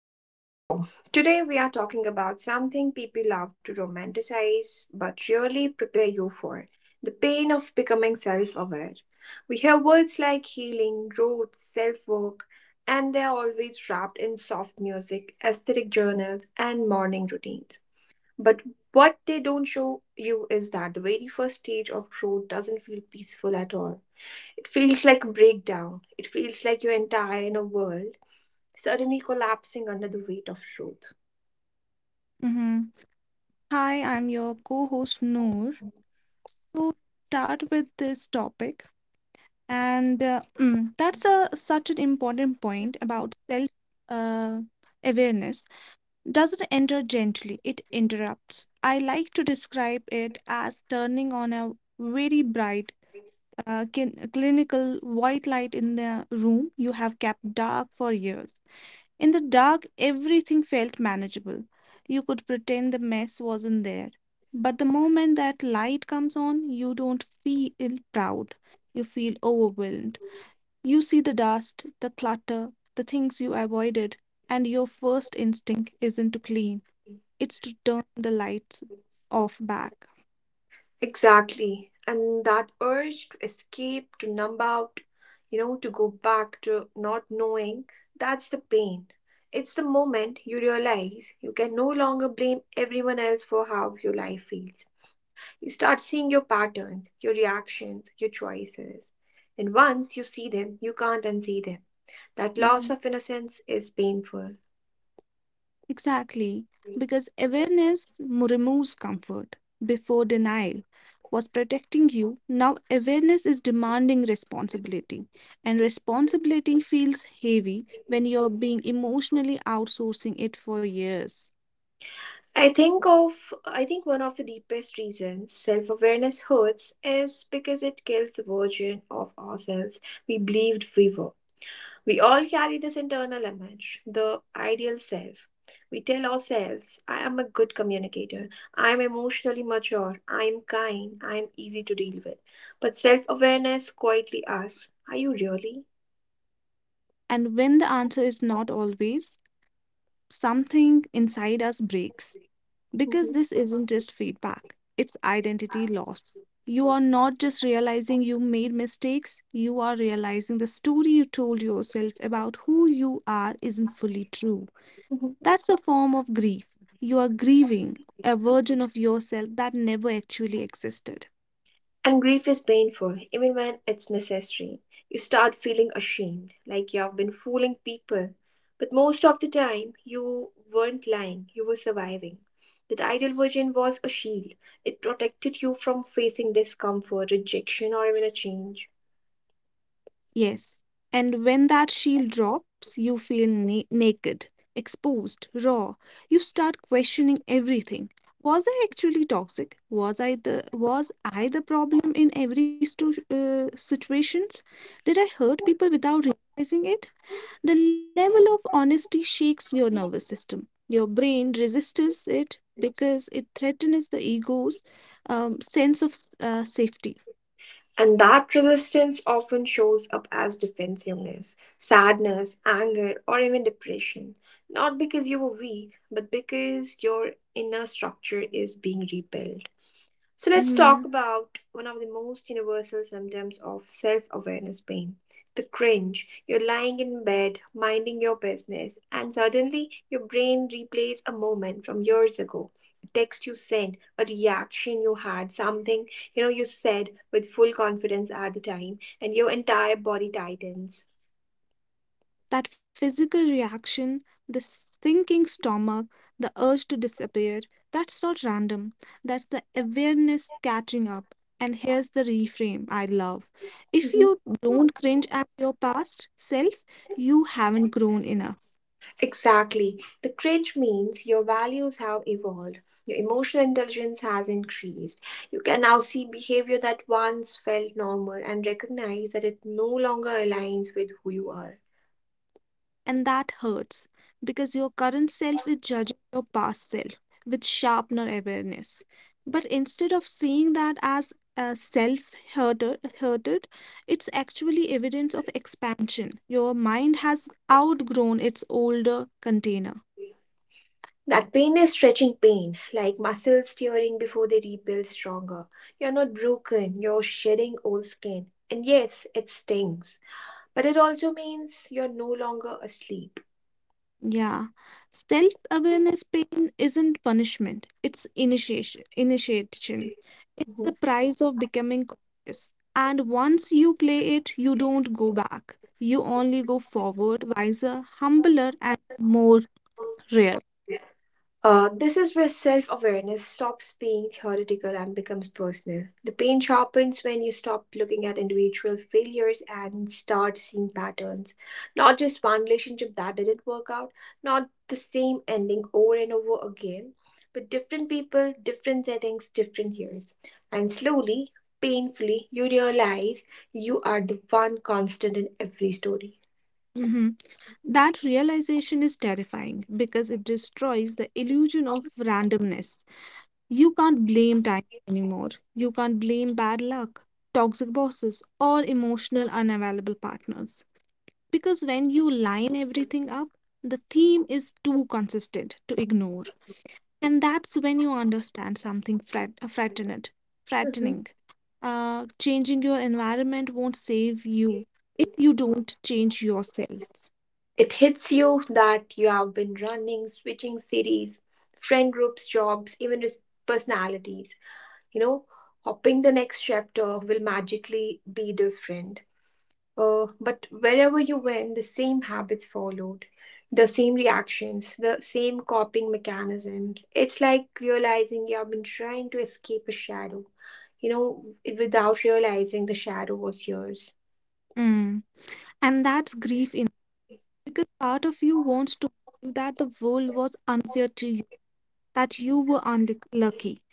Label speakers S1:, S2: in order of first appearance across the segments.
S1: back to show. Today we are talking about something people love to romanticize but really prepare you for. The pain of becoming self-aware. We hear words like healing, growth, self-work, and they are always wrapped in soft music, aesthetic journals and morning routines. But what they don't show you is that the very first stage of growth doesn't feel peaceful at all. It feels like a breakdown. It feels like you're entire in a world suddenly collapsing under the weight of truth.
S2: Mm-hmm. Hi, I'm your co host Noor. So, start with this topic, and such an important point about self uh, awareness. Doesn't enter gently, it interrupts. I like to describe it as turning on a very bright clinical white light in the room you have kept dark for years. In the dark, everything felt manageable. You could pretend the mess wasn't there. But the moment that light comes on, you don't feel proud. You feel overwhelmed. You see the dust, the clutter, the things you avoided, and your first instinct isn't to clean, it's to turn the lights off back.
S1: Exactly. And that urge to escape, to numb out, you know, to go back to not knowing, that's the pain. It's the moment you realize you can no longer blame everyone else for how your life feels. You start seeing your patterns, your reactions, your choices. And once you see them, you can't unsee them. That loss of innocence is painful.
S2: Exactly, because removes comfort before denial was protecting you. Now, awareness is demanding responsibility, and responsibility feels heavy when you're being emotionally outsourcing it for years.
S1: I think one of the deepest reasons self-awareness hurts is because it kills the version of ourselves we believed we were. We all carry this internal image, the ideal self. We tell ourselves, I am a good communicator, I am emotionally mature, I am kind, I am easy to deal with. But self-awareness quietly asks, are you really?
S2: And when the answer is not always, something inside us breaks. Because
S1: Mhm.
S2: this isn't just feedback, it's identity loss. You are not just realizing you made mistakes, you are realizing the story you told yourself about who you are isn't fully true.
S1: Mhm.
S2: That's a form of grief. You are grieving a version of yourself that never actually existed.
S1: And grief is painful, even when it's necessary. You start feeling ashamed, like you have been fooling people. But most of the time, you weren't lying, you were surviving. That ideal version was a shield, it protected you from facing discomfort, rejection, or even a change.
S2: Yes. And when that shield drops, you feel naked, exposed, raw. You start questioning everything. Was I actually toxic? Was I the problem in every situations? Did I hurt people without realizing it? The level of honesty shakes your nervous system. Your brain resists it because it threatens the ego's sense of safety.
S1: And that resistance often shows up as defensiveness, sadness, anger, or even depression. Not because you were weak, but because your inner structure is being rebuilt. So, let's talk about one of the most universal symptoms of self awareness pain, the cringe. You're lying in bed, minding your business, and suddenly your brain replays a moment from years ago, a text you sent, a reaction you had, something you know you said with full confidence at the time, and your entire body tightens.
S2: That physical reaction, the sinking stomach, the urge to disappear, that's not random. That's the awareness catching up. And here's the reframe I love. If
S1: Mhm.
S2: you don't cringe at your past self, you haven't grown enough.
S1: Exactly. The cringe means your values have evolved, your emotional intelligence has increased. You can now see behavior that once felt normal and recognize that it no longer aligns with who you are.
S2: And that hurts because your current self is judging your past self with sharpener awareness. But instead of seeing that as a self hurted, it's actually evidence of expansion. Your mind has outgrown its older container.
S1: That pain is stretching pain, like muscles tearing before they rebuild stronger. You're not broken, you're shedding old skin. And yes, it stings, but it also means you're no longer asleep.
S2: Yeah. Self-awareness pain isn't punishment, it's initiation. It's the
S1: Mhm.
S2: price of becoming conscious. And once you play it, you don't go back. You only go forward, wiser, humbler, and more rare.
S1: This is where self awareness stops being theoretical and becomes personal. The pain sharpens when you stop looking at individual failures and start seeing patterns. Not just one relationship that didn't work out, not the same ending over and over again, but different people, different settings, different years. And slowly, painfully, you realize you are the one constant in every story.
S2: hmm That realization is terrifying because it destroys the illusion of randomness. You can't blame time anymore. You can't blame bad luck, toxic bosses, or emotional unavailable partners. Because when you line everything up, the theme is too consistent to ignore. And that's when you understand something
S1: Mhm.
S2: frattening. Changing your environment won't save you if you don't change yourself.
S1: It hits you that you have been running, switching cities, friend groups, jobs, even personalities. You know, hoping the next chapter will magically be different. But wherever you went, the same habits followed, the same reactions, the same coping mechanisms. It's like realizing you have been trying to escape a shadow, you know, without realizing the shadow was yours.
S2: Mm. And that's grief in because part of you wants to believe that the world was unfair to you, that you were unlucky,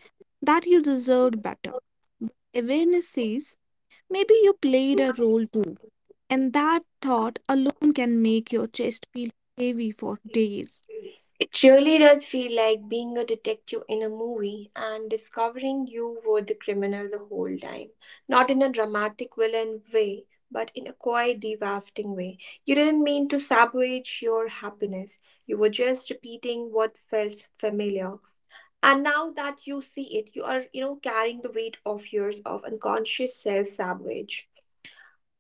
S2: that you deserved better. Awareness says maybe you played a role too. And that thought alone can make your chest feel heavy for days.
S1: It really does feel like being a detective in a movie and discovering you were the criminal the whole time. Not in a dramatic villain way, but in a quite devastating way. You didn't mean to sabotage your happiness, you were just repeating what felt familiar. And now that you see it, you are, you know, carrying the weight of years of unconscious self sabotage.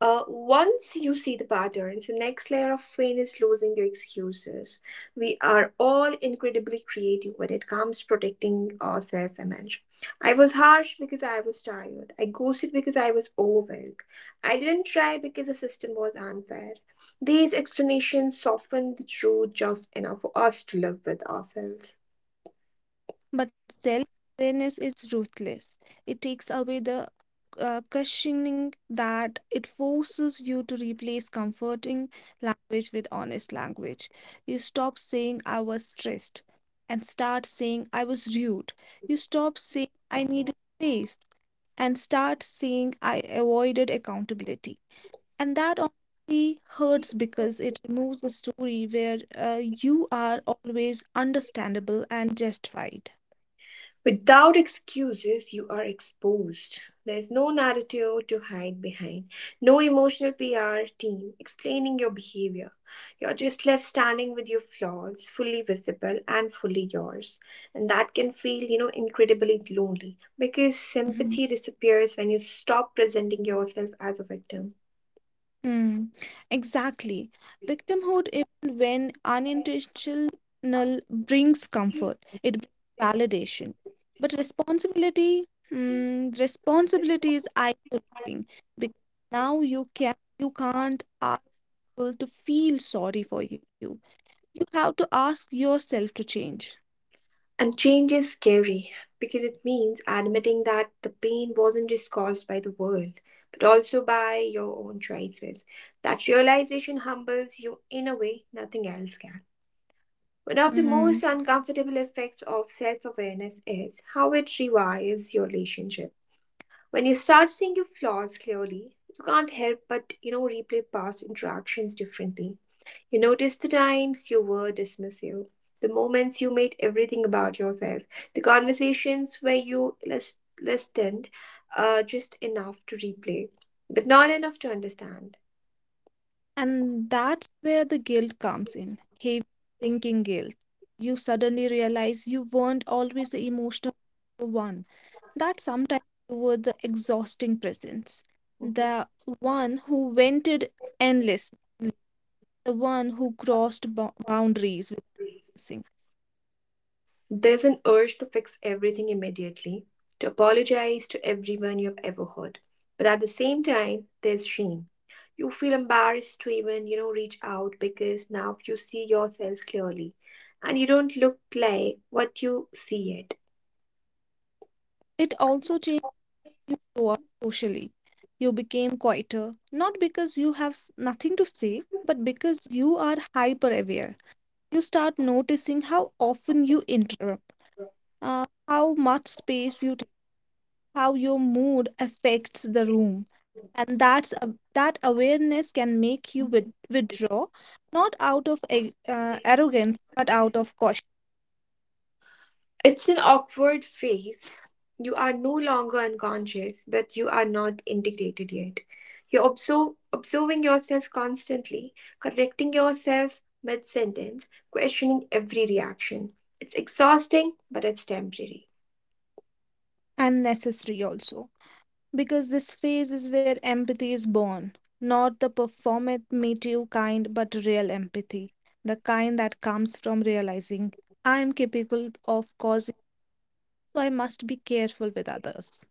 S1: Once you see the patterns, the next layer of pain is losing your excuses. We are all incredibly creative when it comes to protecting our self image. I was harsh because I was tired. I ghosted because I was overwhelmed. I didn't try because the system was unfair. These explanations soften the truth just enough for us to live with ourselves.
S2: But self awareness is ruthless. It takes away the cushioning that it forces you to replace comforting language with honest language. You stop saying I was stressed and start saying I was rude. You stop saying I needed space and start saying I avoided accountability. And that honestly hurts because it removes the story where you are always understandable and justified.
S1: Without excuses, you are exposed. There's no narrative to hide behind, no emotional PR team explaining your behavior. You're just left standing with your flaws, fully visible and fully yours. And that can feel, you know, incredibly lonely because
S2: Mhm.
S1: sympathy disappears when you stop presenting yourself as a victim.
S2: Hmm. Exactly. Victimhood, even when unintentional, brings comfort, it brings validation. But responsibility, hmm, responsibility is isolating because now you can't ask people to feel sorry for you. You have to ask yourself to change.
S1: And change is scary because it means admitting that the pain wasn't just caused by the world, but also by your own choices. That realization humbles you in a way nothing else can. One of the
S2: Mm-hmm.
S1: most uncomfortable effects of self awareness is how it rewires your relationship. When you start seeing your flaws clearly, you can't help but, you know, replay past interactions differently. You noticed the times you were dismissive, the moments you made everything about yourself, the conversations where you listened just enough to replay, but not enough to understand.
S2: And that's where the guilt comes in heavy thinking guilt. You suddenly realize you weren't always the emotional one, that sometimes you were the exhausting presence,
S1: Mhm.
S2: the one who vented endlessly, the one who crossed boundaries with missing.
S1: There's an urge to fix everything immediately, to apologize to everyone you've ever hurt. But at the same time, there's shame. You feel embarrassed to even, you know, reach out because now you see yourself clearly and you don't look like what you see
S2: It also changed you show up socially. You became quieter, not because you have nothing to say, but because you are hyper aware. You start noticing how often you interrupt, how much space you take, how your mood affects the room. And that awareness can make you withdraw, not out of
S1: yet.
S2: arrogance, but out of caution
S1: It's an awkward phase. You are no longer unconscious, but you are not integrated yet. You're observing yourself constantly, correcting yourself mid sentence, questioning every reaction. It's exhausting, but it's temporary.
S2: and necessary also. Because this phase is where empathy is born, not the performative kind, but real empathy, the kind that comes from realizing I am capable of causing, so I must be careful with others.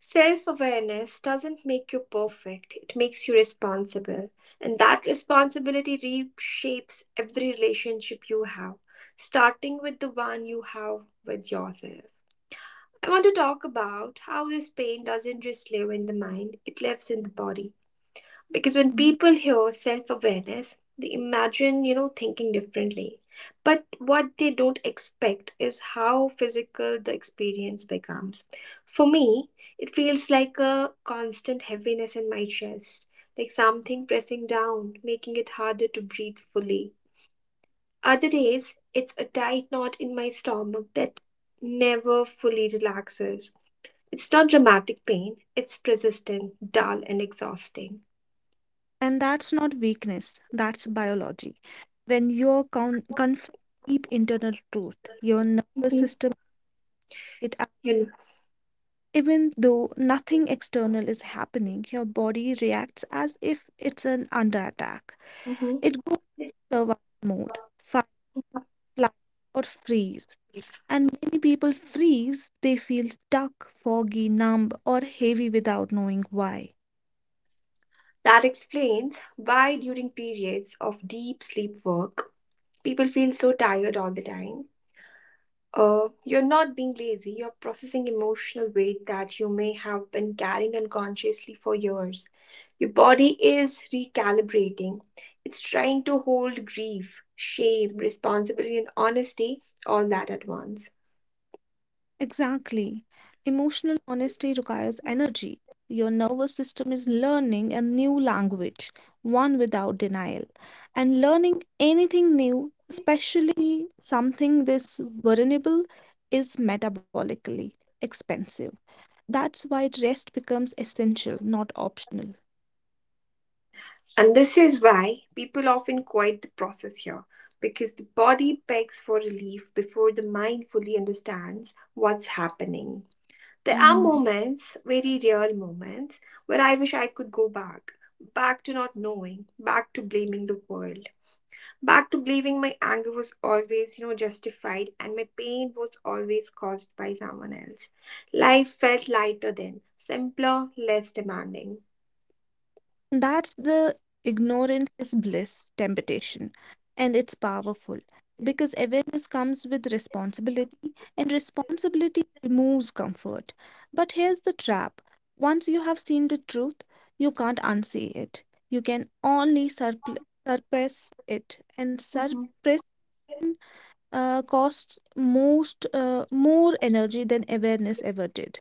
S1: Self awareness doesn't make you perfect, it makes you responsible. And that responsibility reshapes every relationship you have, starting with the one you have with yourself. I want to talk about how this pain doesn't just live in the mind, it lives in the body, because when
S2: Mhm.
S1: people hear self-awareness they imagine, you know, thinking differently, but what they don't expect is how physical the experience becomes. For me, it feels like a constant heaviness in my chest, like something pressing down, making it harder to breathe fully. Other days it's a tight knot in my stomach that never fully relaxes. It's not dramatic pain, it's persistent, dull and exhausting.
S2: And that's not weakness, that's biology. When you're confront deep internal truth, your nervous
S1: Mm-hmm.
S2: system it act-
S1: You know.
S2: even though nothing external is happening, your body reacts as if it's an under attack.
S1: Mhm.
S2: It goes survival mode, fight, flight, or freeze. And many people freeze, they feel stuck, foggy, numb, or heavy without knowing why.
S1: That explains why during periods of deep sleep work, people feel so tired all the time. You're not being lazy, you're processing emotional weight that you may have been carrying unconsciously for years. Your body is recalibrating, it's trying to hold grief, shame, responsibility, and honesty all that at once.
S2: Exactly. Emotional honesty requires energy. Your nervous system is learning a new language, one without denial. And learning anything new, especially something this vulnerable, is metabolically expensive. That's why rest becomes essential, not optional.
S1: And this is why people often quit the process here, because the body begs for relief before the mind fully understands what's happening. There are moments, very real moments, where I wish I could go back. Back to not knowing, back to blaming the world, back to believing my anger was always, you know, justified and my pain was always caused by someone else. Life felt lighter then, simpler, less demanding.
S2: That's the ignorance is bliss temptation, and it's powerful because awareness comes with responsibility, and responsibility removes comfort. But here's the trap once you have seen the truth, you can't unsee it. You can only suppress it, and
S1: Mhm.
S2: suppress costs most more energy than awareness ever did.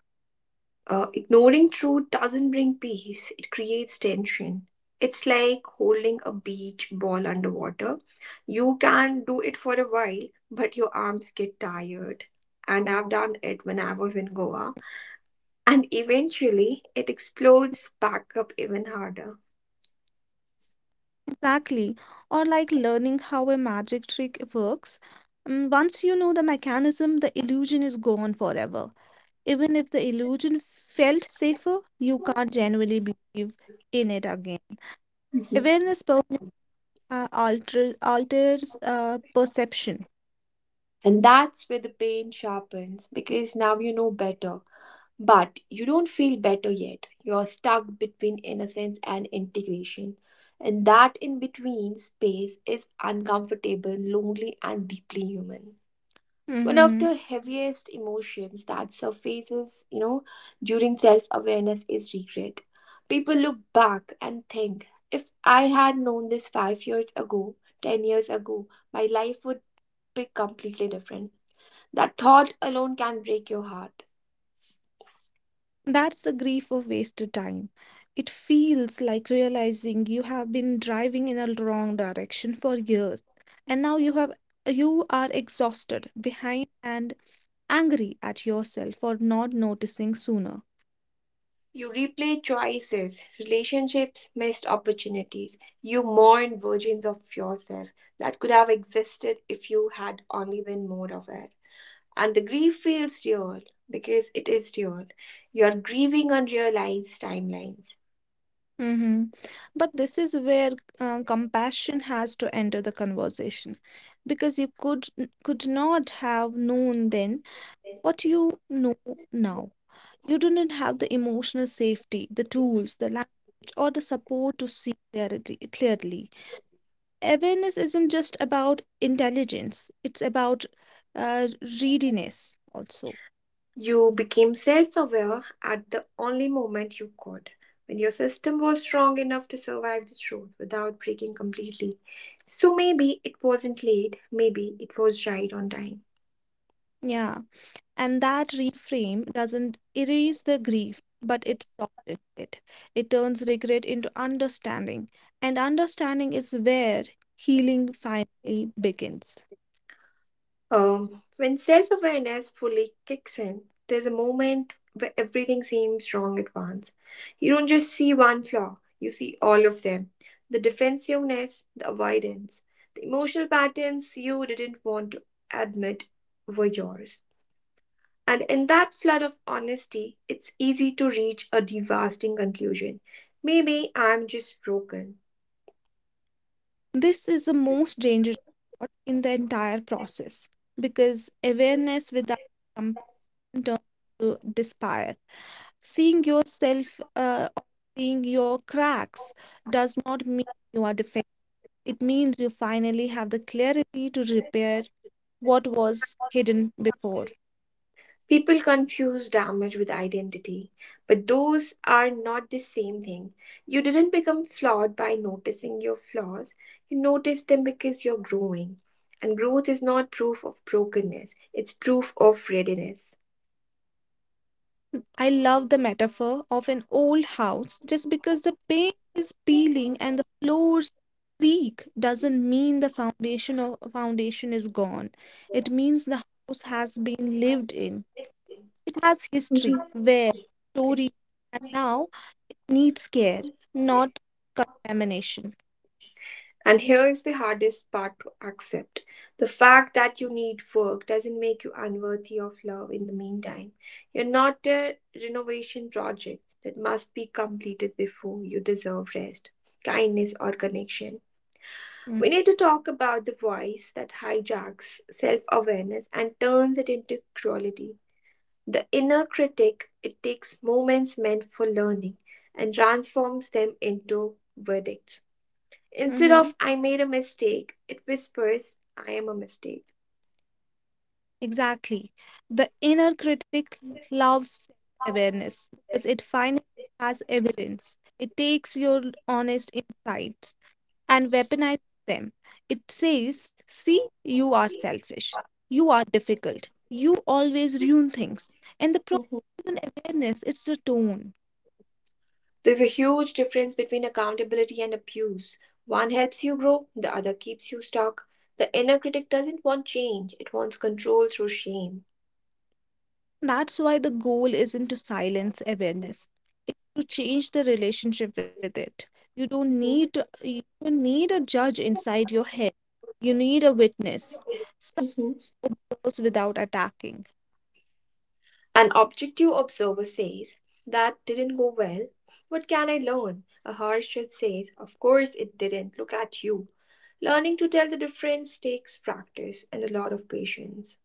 S1: Ignoring truth doesn't bring peace, it creates tension. It's like holding a beach ball underwater. You can do it for a while, but your arms get tired. And I've done it when I was in Goa. And eventually, it explodes back up even harder.
S2: Exactly. Or like learning how a magic trick works. Mm, once you know the mechanism, the illusion is gone forever. Even if the illusion felt safer, you can't genuinely believe in it again.
S1: Mhm.
S2: Awareness per- alters alters perception.
S1: And that's where the pain sharpens because now you know better. But you don't feel better yet. You're stuck between innocence and integration. And that in between space is uncomfortable, lonely, and deeply human. One of
S2: Mm-hmm.
S1: the heaviest emotions that surfaces, you know, during self awareness is regret. People look back and think, if I had known this 5 years ago, 10 years ago, my life would be completely different. That thought alone can break your heart.
S2: That's the grief of wasted time. It feels like realizing you have been driving in a wrong direction for years, and now you are exhausted, behind, and angry at yourself for not noticing sooner.
S1: You replay choices, relationships, missed opportunities. You mourn versions of yourself that could have existed if you had only been more aware. And the grief feels real because it is real. You are grieving unrealized timelines.
S2: Mm-hmm. But this is where compassion has to enter the conversation, because you could not have known then what you know now. You didn't have the emotional safety, the tools, the language, or the support to see clarity clearly. Awareness isn't just about intelligence; it's about uh, readiness also.
S1: You became self aware at the only moment you could, when your system was strong enough to survive the truth without breaking completely. So maybe it wasn't late, maybe it was right on time.
S2: Yeah. And that reframe doesn't erase the grief, but it softens it. It turns regret into understanding, and understanding is where healing finally begins.
S1: When self awareness fully kicks in, there's a moment where everything seems wrong at once. You don't just see one flaw, you see all of them, the defensiveness, the avoidance, the emotional patterns you didn't want to admit were yours. And in that flood of honesty, it's easy to reach a devastating conclusion. Maybe I'm just broken.
S2: This is the most dangerous part in the entire process because awareness without compassion turns to despair. Seeing yourself uh, or Seeing your cracks does not mean you are defective. It means you finally have the clarity to repair what was hidden before.
S1: People confuse damage with identity, but those are not the same thing. You didn't become flawed by noticing your flaws, you notice them because you're growing. And growth is not proof of brokenness, it's proof of readiness.
S2: I love the metaphor of an old house. Just because the paint is peeling and the floors creak doesn't mean the foundation is gone. It means the house has been lived in. It has history,
S1: Mhm.
S2: wear, story, and now needs care, not contamination.
S1: And here is the hardest part to accept. The fact that you need work doesn't make you unworthy of love in the meantime. You're not a renovation project that must be completed before you deserve rest, kindness, or connection. We need to talk about the voice that hijacks self awareness and turns it into cruelty. The inner critic, it takes moments meant for learning and transforms them into verdicts. Instead
S2: Mm-hmm.
S1: of I made a mistake, it whispers I am a mistake.
S2: Exactly. The inner critic loves awareness because it finally has evidence. It takes your honest insights and weaponize them. It says, See, you are selfish. You are difficult. You always ruin things. And the problem
S1: Mhm.
S2: isn't awareness, it's the tone.
S1: There's a huge difference between accountability and abuse. One helps you grow, the other keeps you stuck. The inner critic doesn't want change, it wants control through shame.
S2: That's why the goal isn't to silence awareness, it's to change the relationship with it.
S1: Mhm,
S2: You don't need a judge inside your head. You need a witness. Some
S1: mhm.
S2: observes without attacking.
S1: An objective observer says, "That didn't go well. What can I learn?" A harsh judge says, "Of course it didn't. Look at you." Learning to tell the difference takes practice and a lot of patience.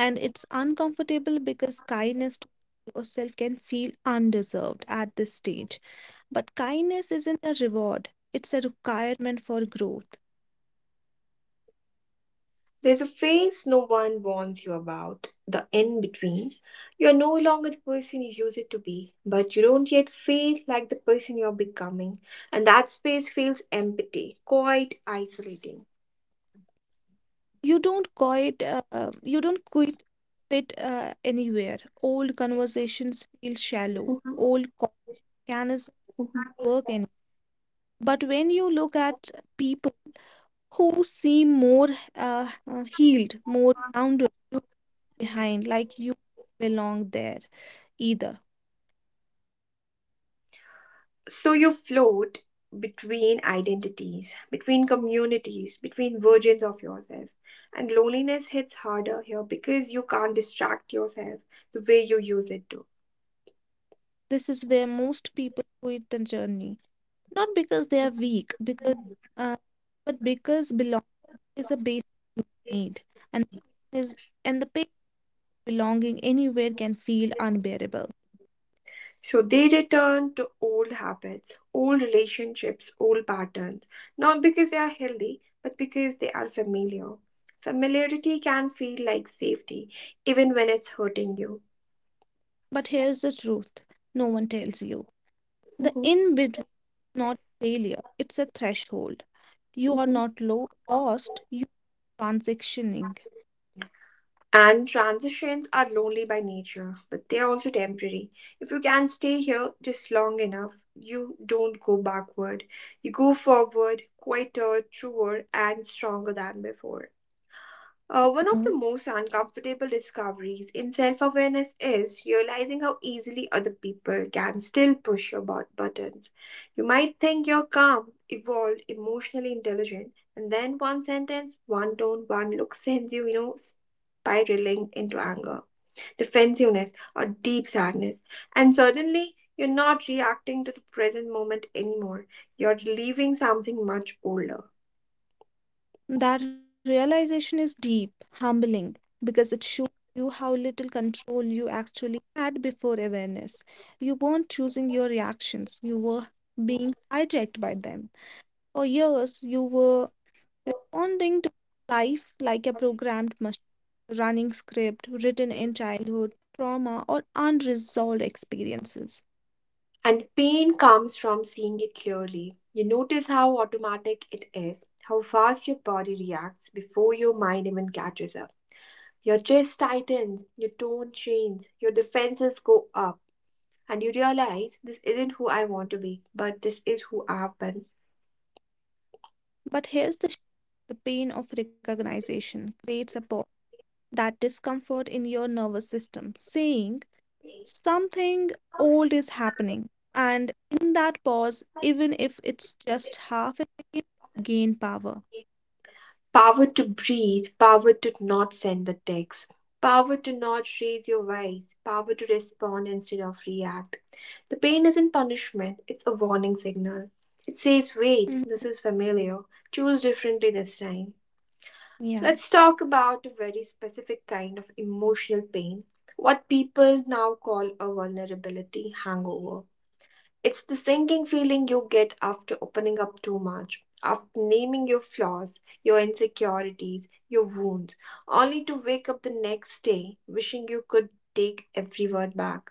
S2: And it's uncomfortable because kindness to yourself can feel undeserved at this stage. But kindness isn't a reward, it's a requirement for growth.
S1: There's a phase no one warns you about, the in between. You're no longer the person you used to be, but you don't yet feel like the person you're becoming. And that space feels empty, quite isolating.
S2: You don't quit fit anywhere. Old conversations feel shallow,
S1: Mhm,
S2: old mechanisms work
S1: mhm.
S2: anywhere. But when you look at people who seem more healed, more grounded, you behind, like you belong there either.
S1: So you float between identities, between communities, between versions of yourself. And loneliness hits harder here because you can't distract yourself the way you use it
S2: This is where most people quit the journey, not because they are weak, because
S1: to.
S2: uh, but because belonging is a basic need, and is and the pain of belonging anywhere can feel unbearable.
S1: So they return to old habits, old relationships, old patterns, not because they are healthy, but because they are familiar. Familiarity can feel like safety, even when it's hurting you.
S2: But here's the truth: no one tells you the
S1: Mhm,
S2: in between is not failure; it's a threshold. You are
S1: mhm.
S2: not lost; you are transitioning.
S1: And transitions are lonely by nature, but they are also temporary. If you can stay here just long enough, you don't go backward. You go forward, quieter, truer, and stronger than before. One of the most uncomfortable discoveries in self awareness is realizing how easily other people can still push your buttons. You might think you're calm, evolved, emotionally intelligent, and then one sentence, one tone, one look sends you, spiraling into anger, defensiveness, or deep sadness. And suddenly, you're not reacting to the present moment anymore. You're relieving something much older.
S2: That realization is deep, humbling, because it shows you how little control you actually had before awareness. You weren't choosing your reactions, you were being hijacked by them. For years, you were responding to life like a programmed machine, running script written in childhood trauma or unresolved experiences.
S1: And pain comes from seeing it clearly. You notice how automatic it is, how fast your body reacts before your mind even catches up. Your chest tightens, your tone changes, your defenses go up, and you realize this isn't who I want to be, but this is who I have been.
S2: But the pain of recognition creates a pause, that discomfort in your nervous system, saying, Something old is happening, and in that pause, even if it's just half a second, gain power.
S1: Power to breathe, power to not send the text, power to not raise your voice, power to respond instead of react. The pain isn't punishment, it's a warning signal. It says, wait,
S2: Mhm.
S1: this is familiar. Choose differently this time.
S2: Yeah.
S1: Let's talk about a very specific kind of emotional pain, what people now call a vulnerability hangover. It's the sinking feeling you get after opening up too much, after naming your flaws, your insecurities, your wounds, only to wake up the next day wishing you could take every word back.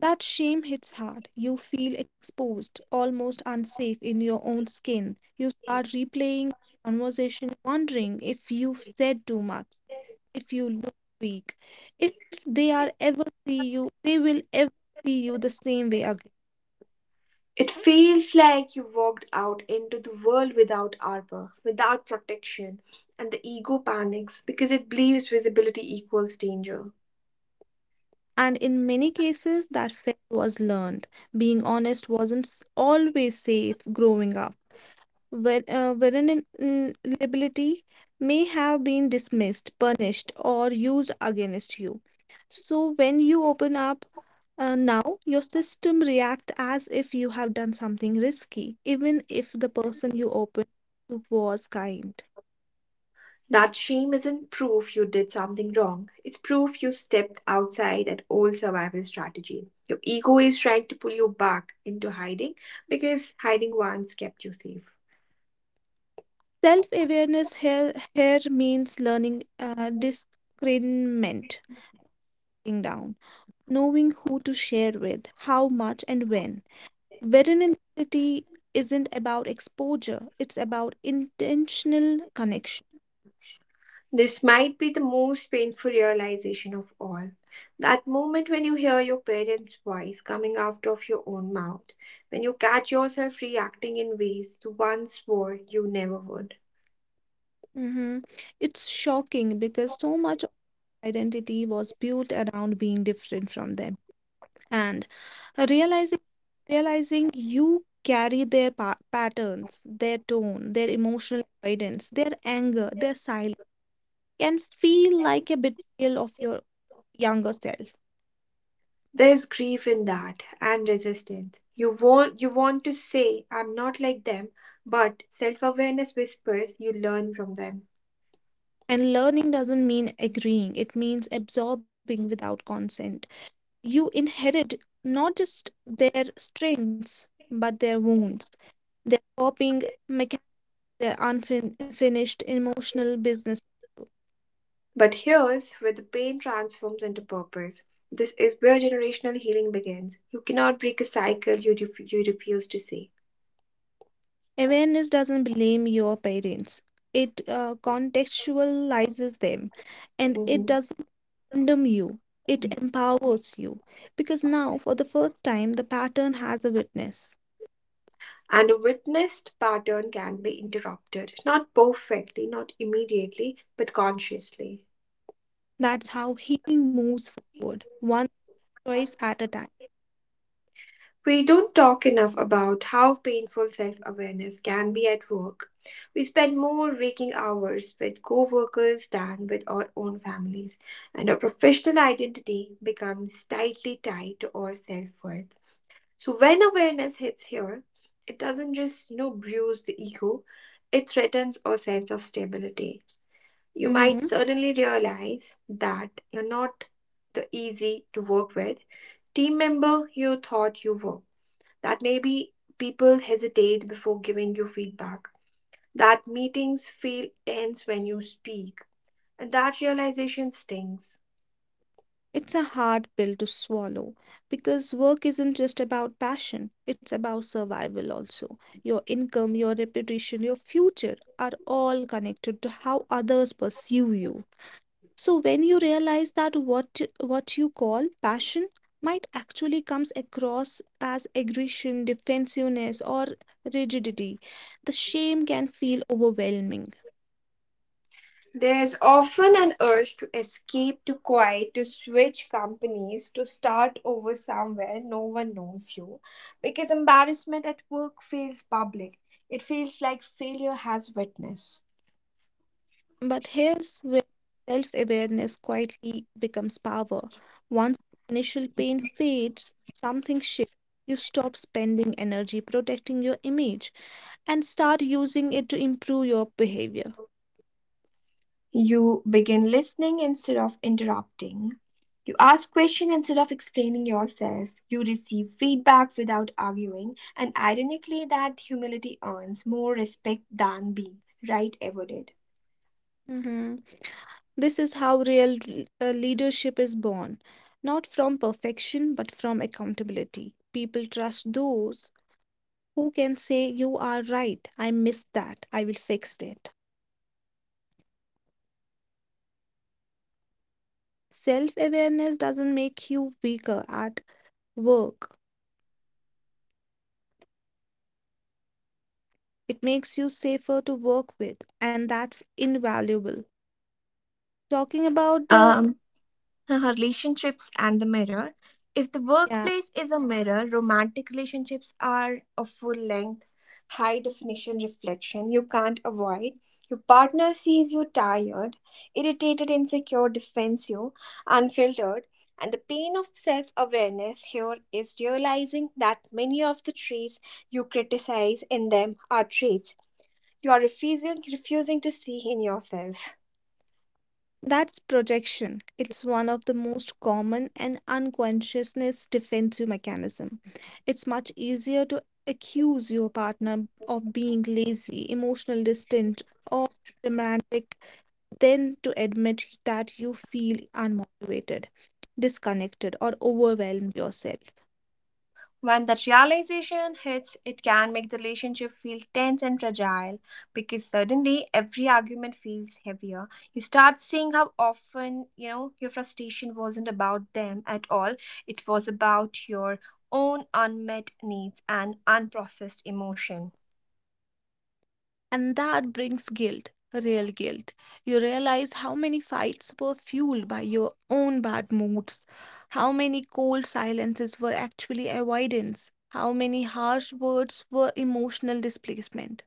S2: That shame hits hard. You feel exposed, almost unsafe in your own skin. You start replaying conversation, wondering if you've said too much, if you look weak, if they are ever see you, they will ever see you the same way again.
S1: It feels like you walked out into the world without armor, without protection, and the ego panics because it believes visibility equals danger.
S2: And in many cases, that fear was learned. Being honest wasn't always safe growing up. In liability may have been dismissed, punished, or used against you. So when you open up now, your system react as if you have done something risky, even if the person you opened was kind.
S1: That shame isn't proof you did something wrong. It's proof you stepped outside an old survival strategy. Your ego is trying to pull you back into hiding because hiding once kept you safe.
S2: Here means learning discernment sitting down, knowing who to share with, how much, and when. Versatility isn't about exposure, it's about intentional connection.
S1: This might be the most painful realization of all. That moment when you hear your parents' voice coming out of your own mouth, when you catch yourself reacting in ways you once swore you never would.
S2: Mhm. It's shocking because so much of identity was built around being different from them. And realizing realizing you carry their patterns, their tone, their emotional avoidance, their anger, their silence can feel like a betrayal of your younger self.
S1: There's grief in that and resistance. You want to say I'm not like them, but self-awareness whispers you learn from them.
S2: And learning doesn't mean agreeing, it means absorbing without consent. You inherit not just their strengths, but their wounds, their coping mechanisms, their unfinished emotional business.
S1: But here's where the pain transforms into purpose. This is where generational healing begins. You cannot break a cycle you refuse to see.
S2: Awareness doesn't blame your parents. It contextualizes them and it
S1: Mhm.
S2: doesn't condemn you. It empowers you because now, for the first time, the pattern has a witness.
S1: And a witnessed pattern can be interrupted, not perfectly, not immediately, but consciously.
S2: That's how healing moves forward, one choice at a time.
S1: We don't talk enough about how painful self awareness can be at work. We spend more waking hours with co workers than with our own families, and our professional identity becomes tightly tied to our self worth. So, when awareness hits here, it doesn't just bruise the ego, it threatens our sense of stability. You might
S2: Mhm.
S1: suddenly realize that you're not the easy to work with team member you thought you were that maybe people hesitate before giving you feedback, that meetings feel tense when you speak, and that realization stings.
S2: It's a hard pill to swallow because work isn't just about passion, it's about survival also. Your income, your reputation, your future are all connected to how others perceive you. So when you realize that what you call passion might actually comes across as aggression, defensiveness, or rigidity, the shame can feel overwhelming.
S1: There's often an urge to escape, to quiet, to switch companies, to start over somewhere no one knows you. Because embarrassment at work feels public, it feels like failure has witness.
S2: But here's where self-awareness quietly becomes power. Once the initial pain fades, something shifts. You stop spending energy protecting your image and start using it to improve your behavior.
S1: You begin listening instead of interrupting. You ask questions instead of explaining yourself. You receive feedback without arguing. And ironically, that humility earns more respect than being right ever did.
S2: Mm-hmm. This is how real leadership is born, not from perfection, but from accountability. People trust those who can say, "You are right, I missed that, I will fix it." Self awareness doesn't make you weaker at work, it makes you safer to work with, and that's invaluable. Talking about the
S1: Um, Her relationships and the mirror. If the
S2: yeah.
S1: workplace is a mirror, romantic relationships are a full length, high definition reflection you can't avoid. Your partner sees you tired, irritated, insecure, defensive, unfiltered. And the pain of self awareness here is realizing that many of the traits you criticize in them are traits you are refusing to see in yourself.
S2: That's projection. It's one of the most common and unconsciousness defensive mechanism. It's much easier to accuse your partner of being lazy, emotional distant, or dramatic than to admit that you feel unmotivated, disconnected, or overwhelmed yourself.
S1: When that realization hits, it can make the relationship feel tense and fragile because suddenly every argument feels heavier. You start seeing how often, your frustration wasn't about them at all, it was about your own unmet needs and unprocessed emotion.
S2: And that brings guilt, real guilt. You realize how many fights were fueled by your own bad moods, how many cold silences were actually avoidance, how many harsh words were emotional displacement.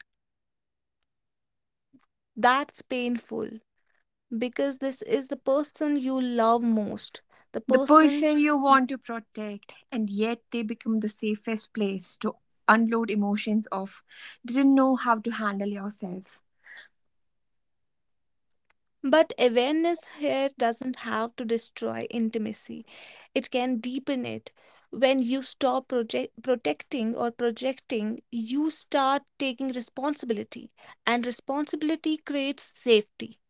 S2: That's painful because this is the person you love most, the
S1: The
S2: person.
S1: person you want to protect, and yet they become the safest place to unload emotions of didn't know how to handle yourself.
S2: But awareness here doesn't have to destroy intimacy, it can deepen it. When you stop protecting or projecting, you start taking responsibility, and responsibility creates safety.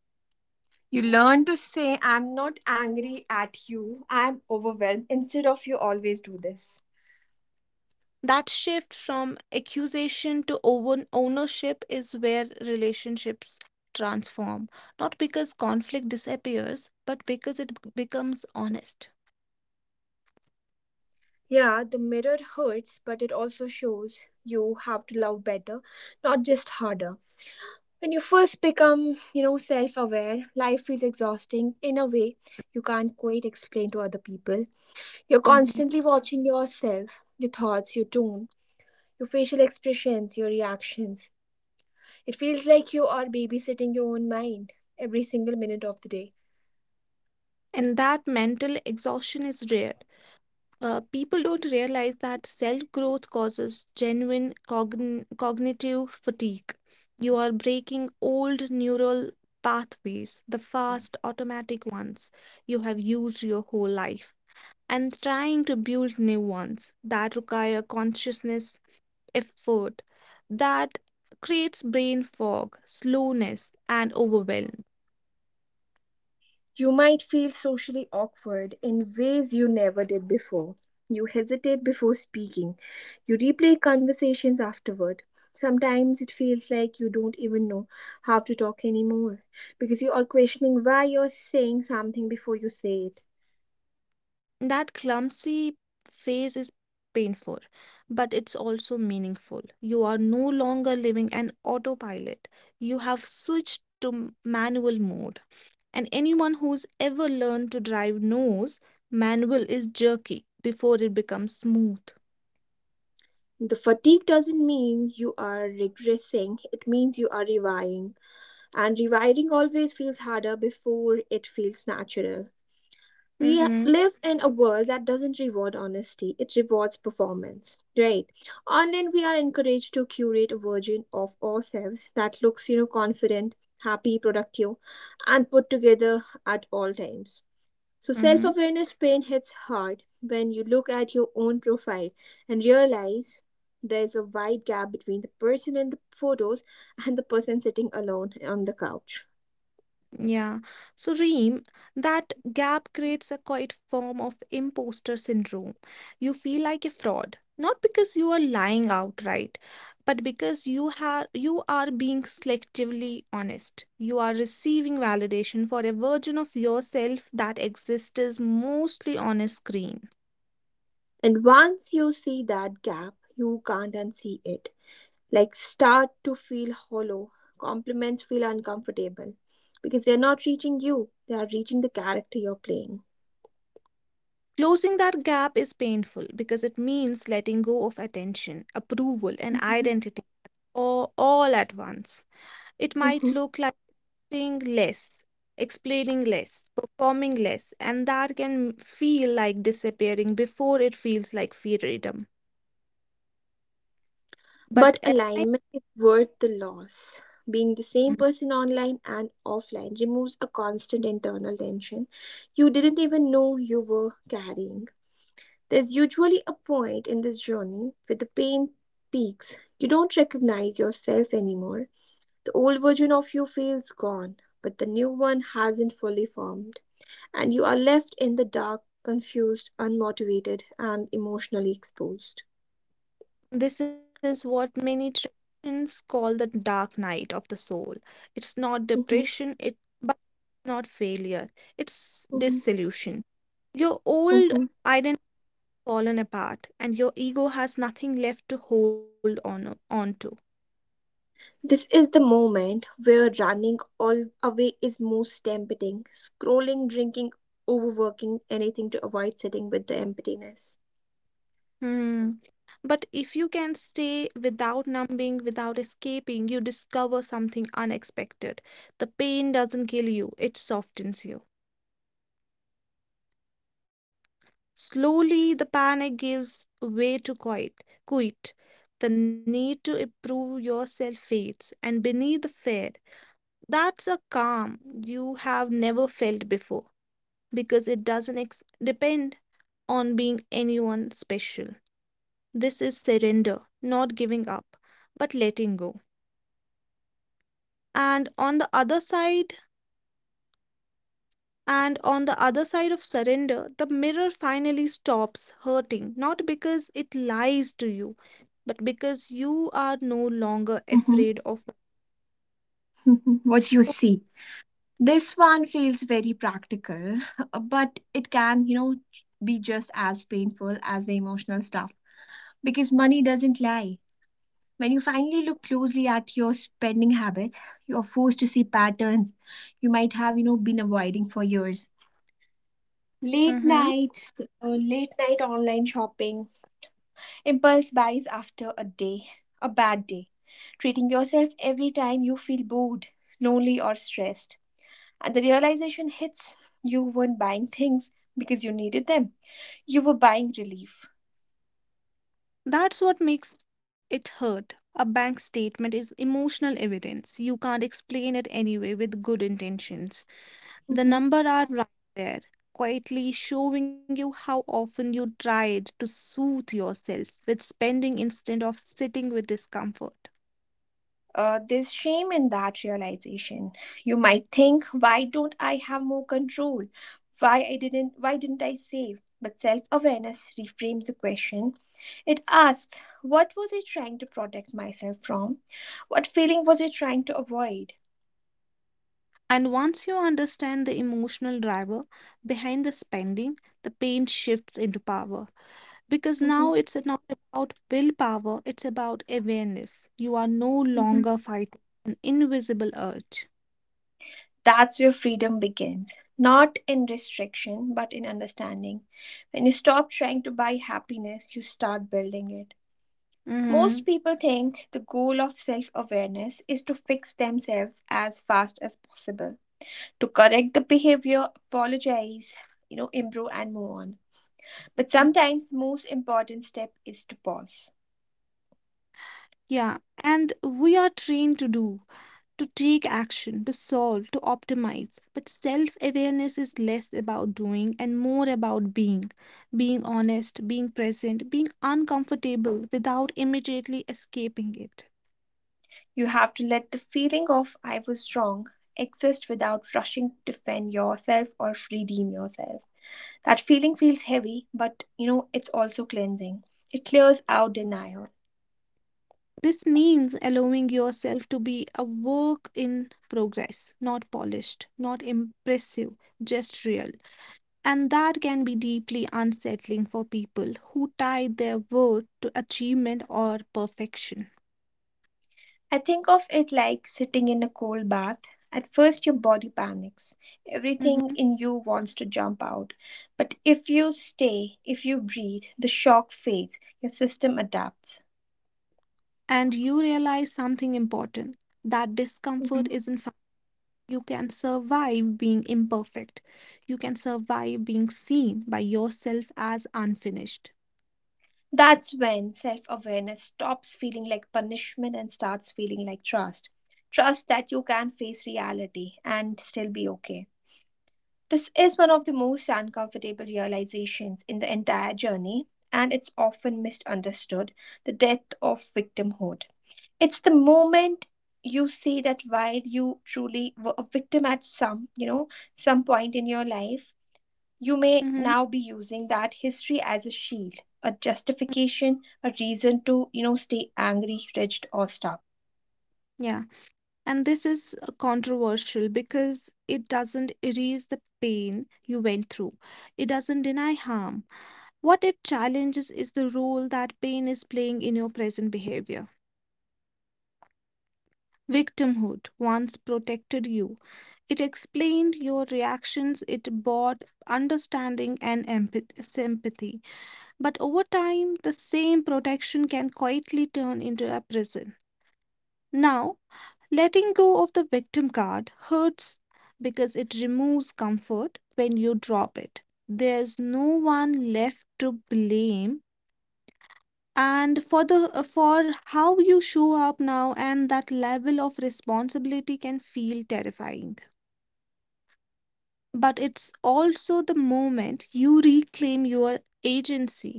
S1: You learn to say, I'm not angry at you, I'm overwhelmed, instead of you always do this.
S2: That shift from accusation to ownership is where relationships transform, not because conflict disappears, but because it becomes honest.
S1: Yeah, the mirror hurts, but it also shows you how to love better, not just harder. When you first become, self aware, life feels exhausting in a way you can't quite explain to other people. You're
S2: Mhm.
S1: constantly watching yourself, your thoughts, your tone, your facial expressions, your reactions. It feels like you are babysitting your own mind every single minute of the day.
S2: And that mental exhaustion is rare. People don't realize that self growth causes genuine cognitive fatigue. You are breaking old neural pathways, the fast, automatic ones you have used your whole life, and trying to build new ones that require consciousness effort. That creates brain fog, slowness, and overwhelm.
S1: You might feel socially awkward in ways you never did before. You hesitate before speaking. You replay conversations afterward. Sometimes it feels like you don't even know how to talk anymore because you are questioning why you're saying something before you say it.
S2: That clumsy phase is painful, but it's also meaningful. You are no longer living an autopilot, you have switched to manual mode, and anyone who's ever learned to drive knows manual is jerky before it becomes smooth.
S1: The fatigue doesn't mean you are regressing, it means you are rewiring. And rewiring always feels harder before it feels natural.
S2: Mm
S1: We
S2: mhm
S1: live in a world that doesn't reward honesty, it rewards performance, right? Online we are encouraged to curate a version of ourselves that looks, confident, happy, productive, and put together at all times. So
S2: mm
S1: self
S2: mhm
S1: awareness pain hits hard when you look at your own profile and realize there's a wide gap between the person in the photos and the person sitting alone on the couch.
S2: Yeah. So, Reem, that gap creates a quiet form of imposter syndrome. You feel like a fraud, not because you are lying outright, but because you are being selectively honest. You are receiving validation for a version of yourself that exists mostly on a screen.
S1: And once you see that gap, you can't unsee it. Like start to feel hollow. Compliments feel uncomfortable because they're not reaching you, they are reaching the character you're playing.
S2: Closing that gap is painful because it means letting go of attention, approval, and
S1: Mhm.
S2: identity all at once. It might look like doing less, explaining less, performing less, and that can feel like disappearing before it feels like freedom. But
S1: But
S2: align-
S1: alignment is worth the loss. Being the same person online and offline removes a constant internal tension you didn't even know you were carrying. There's usually a point in this journey where the pain peaks. You don't recognize yourself anymore. The old version of you feels gone, but the new one hasn't fully formed, and you are left in the dark, confused, unmotivated, and emotionally exposed.
S2: this is what many traditions call the dark night of the soul. It's not
S1: Mhm,
S2: depression, it but not failure. It's
S1: mhm,
S2: dissolution. Your old
S1: mhm.
S2: identity fallen apart, and your ego has nothing left to hold on to.
S1: This is the moment where running all away is most tempting. Scrolling, drinking, overworking, anything to avoid sitting with the emptiness.
S2: Hmm. But if you can stay without numbing, without escaping, you discover something unexpected. The pain doesn't kill you, it softens you. Slowly, the panic gives way to quit. The need to improve yourself fades, and beneath the fear, that's a calm you have never felt before because it doesn't depend on being anyone special. This is surrender, not giving up, but letting go. and on the other side and on the other side of surrender, the mirror finally stops hurting, not because it lies to you, but because you are no longer
S1: Mhm,
S2: afraid of.
S1: mhm. What you see. This one feels very practical, but it can, be just as painful as the emotional stuff because money doesn't lie. When you finally look closely at your spending habits, you are forced to see patterns you might have, been avoiding for years. Late
S2: Mhm.
S1: nights, late night online shopping, impulse buys after a bad day, treating yourself every time you feel bored, lonely, or stressed. And the realization hits you weren't buying things because you needed them, you were buying relief.
S2: That's what makes it hurt. A bank statement is emotional evidence, you can't explain it anyway with good intentions. The
S1: Mm-hmm.
S2: number are right there, quietly showing you how often you tried to soothe yourself with spending instead of sitting with discomfort.
S1: There's shame in that realization. You might think, why don't I have more control? Why didn't I save? But self-awareness reframes the question. It asks, what was I trying to protect myself from? What feeling was I trying to avoid?
S2: And once you understand the emotional driver behind the spending, the pain shifts into power. Because
S1: Mm-hmm.
S2: now it's not about willpower, it's about awareness. You are no longer fighting an invisible urge.
S1: That's where freedom begins. Not in restriction, but in understanding. When you stop trying to buy happiness, you start building it. Most
S2: Mhm.
S1: people think the goal of self awareness is to fix themselves as fast as possible, to correct the behavior, apologize, improve, and move on. But sometimes, most important step is to pause.
S2: Yeah, and we are trained to do, to take action, to solve, to optimize. But self awareness is less about doing and more about being. Being honest, being present, being uncomfortable without immediately escaping it.
S1: You have to let the feeling of I was wrong exist without rushing to defend yourself or redeem yourself. That feeling feels heavy, but it's also cleansing. It clears out denial.
S2: This means allowing yourself to be a work in progress, not polished, not impressive, just real. And that can be deeply unsettling for people who tie their worth to achievement or perfection.
S1: I think of it like sitting in a cold bath. At first, your body panics. Everything
S2: Mhm.
S1: in you wants to jump out. But if you stay, if you breathe, the shock fades, your system adapts.
S2: And you realize something important, that discomfort
S1: Mm-hmm.
S2: is, in fact, you can survive being imperfect. You can survive being seen by yourself as unfinished.
S1: That's when self awareness stops feeling like punishment and starts feeling like trust. Trust that you can face reality and still be okay. This is one of the most uncomfortable realizations in the entire journey, and it's often misunderstood the death of victimhood. It's the moment you see that while you truly were a victim at some, some point in your life, you may
S2: Hmm.
S1: now be using that history as a shield, a justification, a reason to, stay angry, rigid, or stuck.
S2: Yeah. And this is controversial because it doesn't erase the pain you went through, it doesn't deny harm. What it challenges is the role that pain is playing in your present behavior. Victimhood once protected you. It explained your reactions, it bought understanding and sympathy. But over time, the same protection can quietly turn into a prison. Now, letting go of the victim card hurts because it removes comfort when you drop it. There's no one left to blame and for the for how you show up now, and that level of responsibility can feel terrifying, but it's also the moment you reclaim your agency.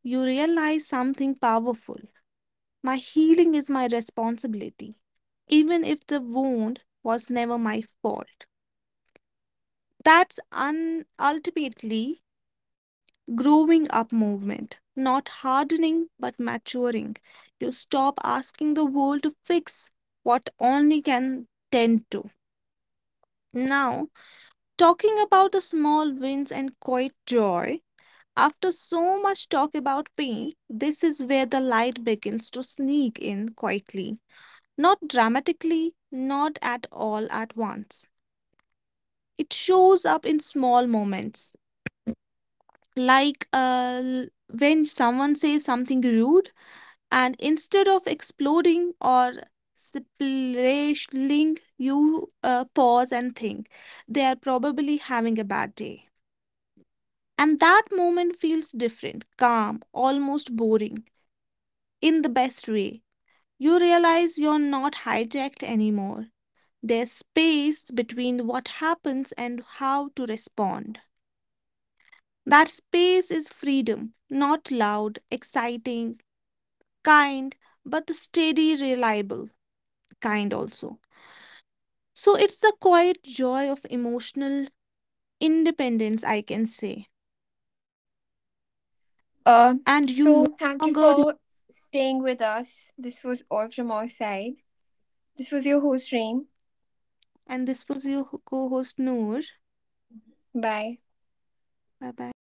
S2: You realize something powerful: my healing is my responsibility, even if the wound was never my fault. That's ultimately growing up movement, not hardening but maturing. You stop asking the world to fix what only can tend to. Now, talking about the small wins and quiet joy, after so much talk about pain, this is where the light begins to sneak in quietly. Not dramatically, not at all at once. It shows up in small moments, like when someone says something rude and instead of exploding or splashing, you pause and think, they are probably having a bad day. And that moment feels different, calm, almost boring, in the best way. You realize you're not hijacked anymore. There's space between what happens and how to respond. That space is freedom, not loud exciting kind, but the steady reliable kind also. So it's the quiet joy of emotional independence, I can say.
S1: Uh,
S2: And you no
S1: so thank you
S2: longer,
S1: for staying with us. This was all from our side. This was your host, Reem.
S2: and this was your co host Noor.
S1: Bye.
S2: Bye bye.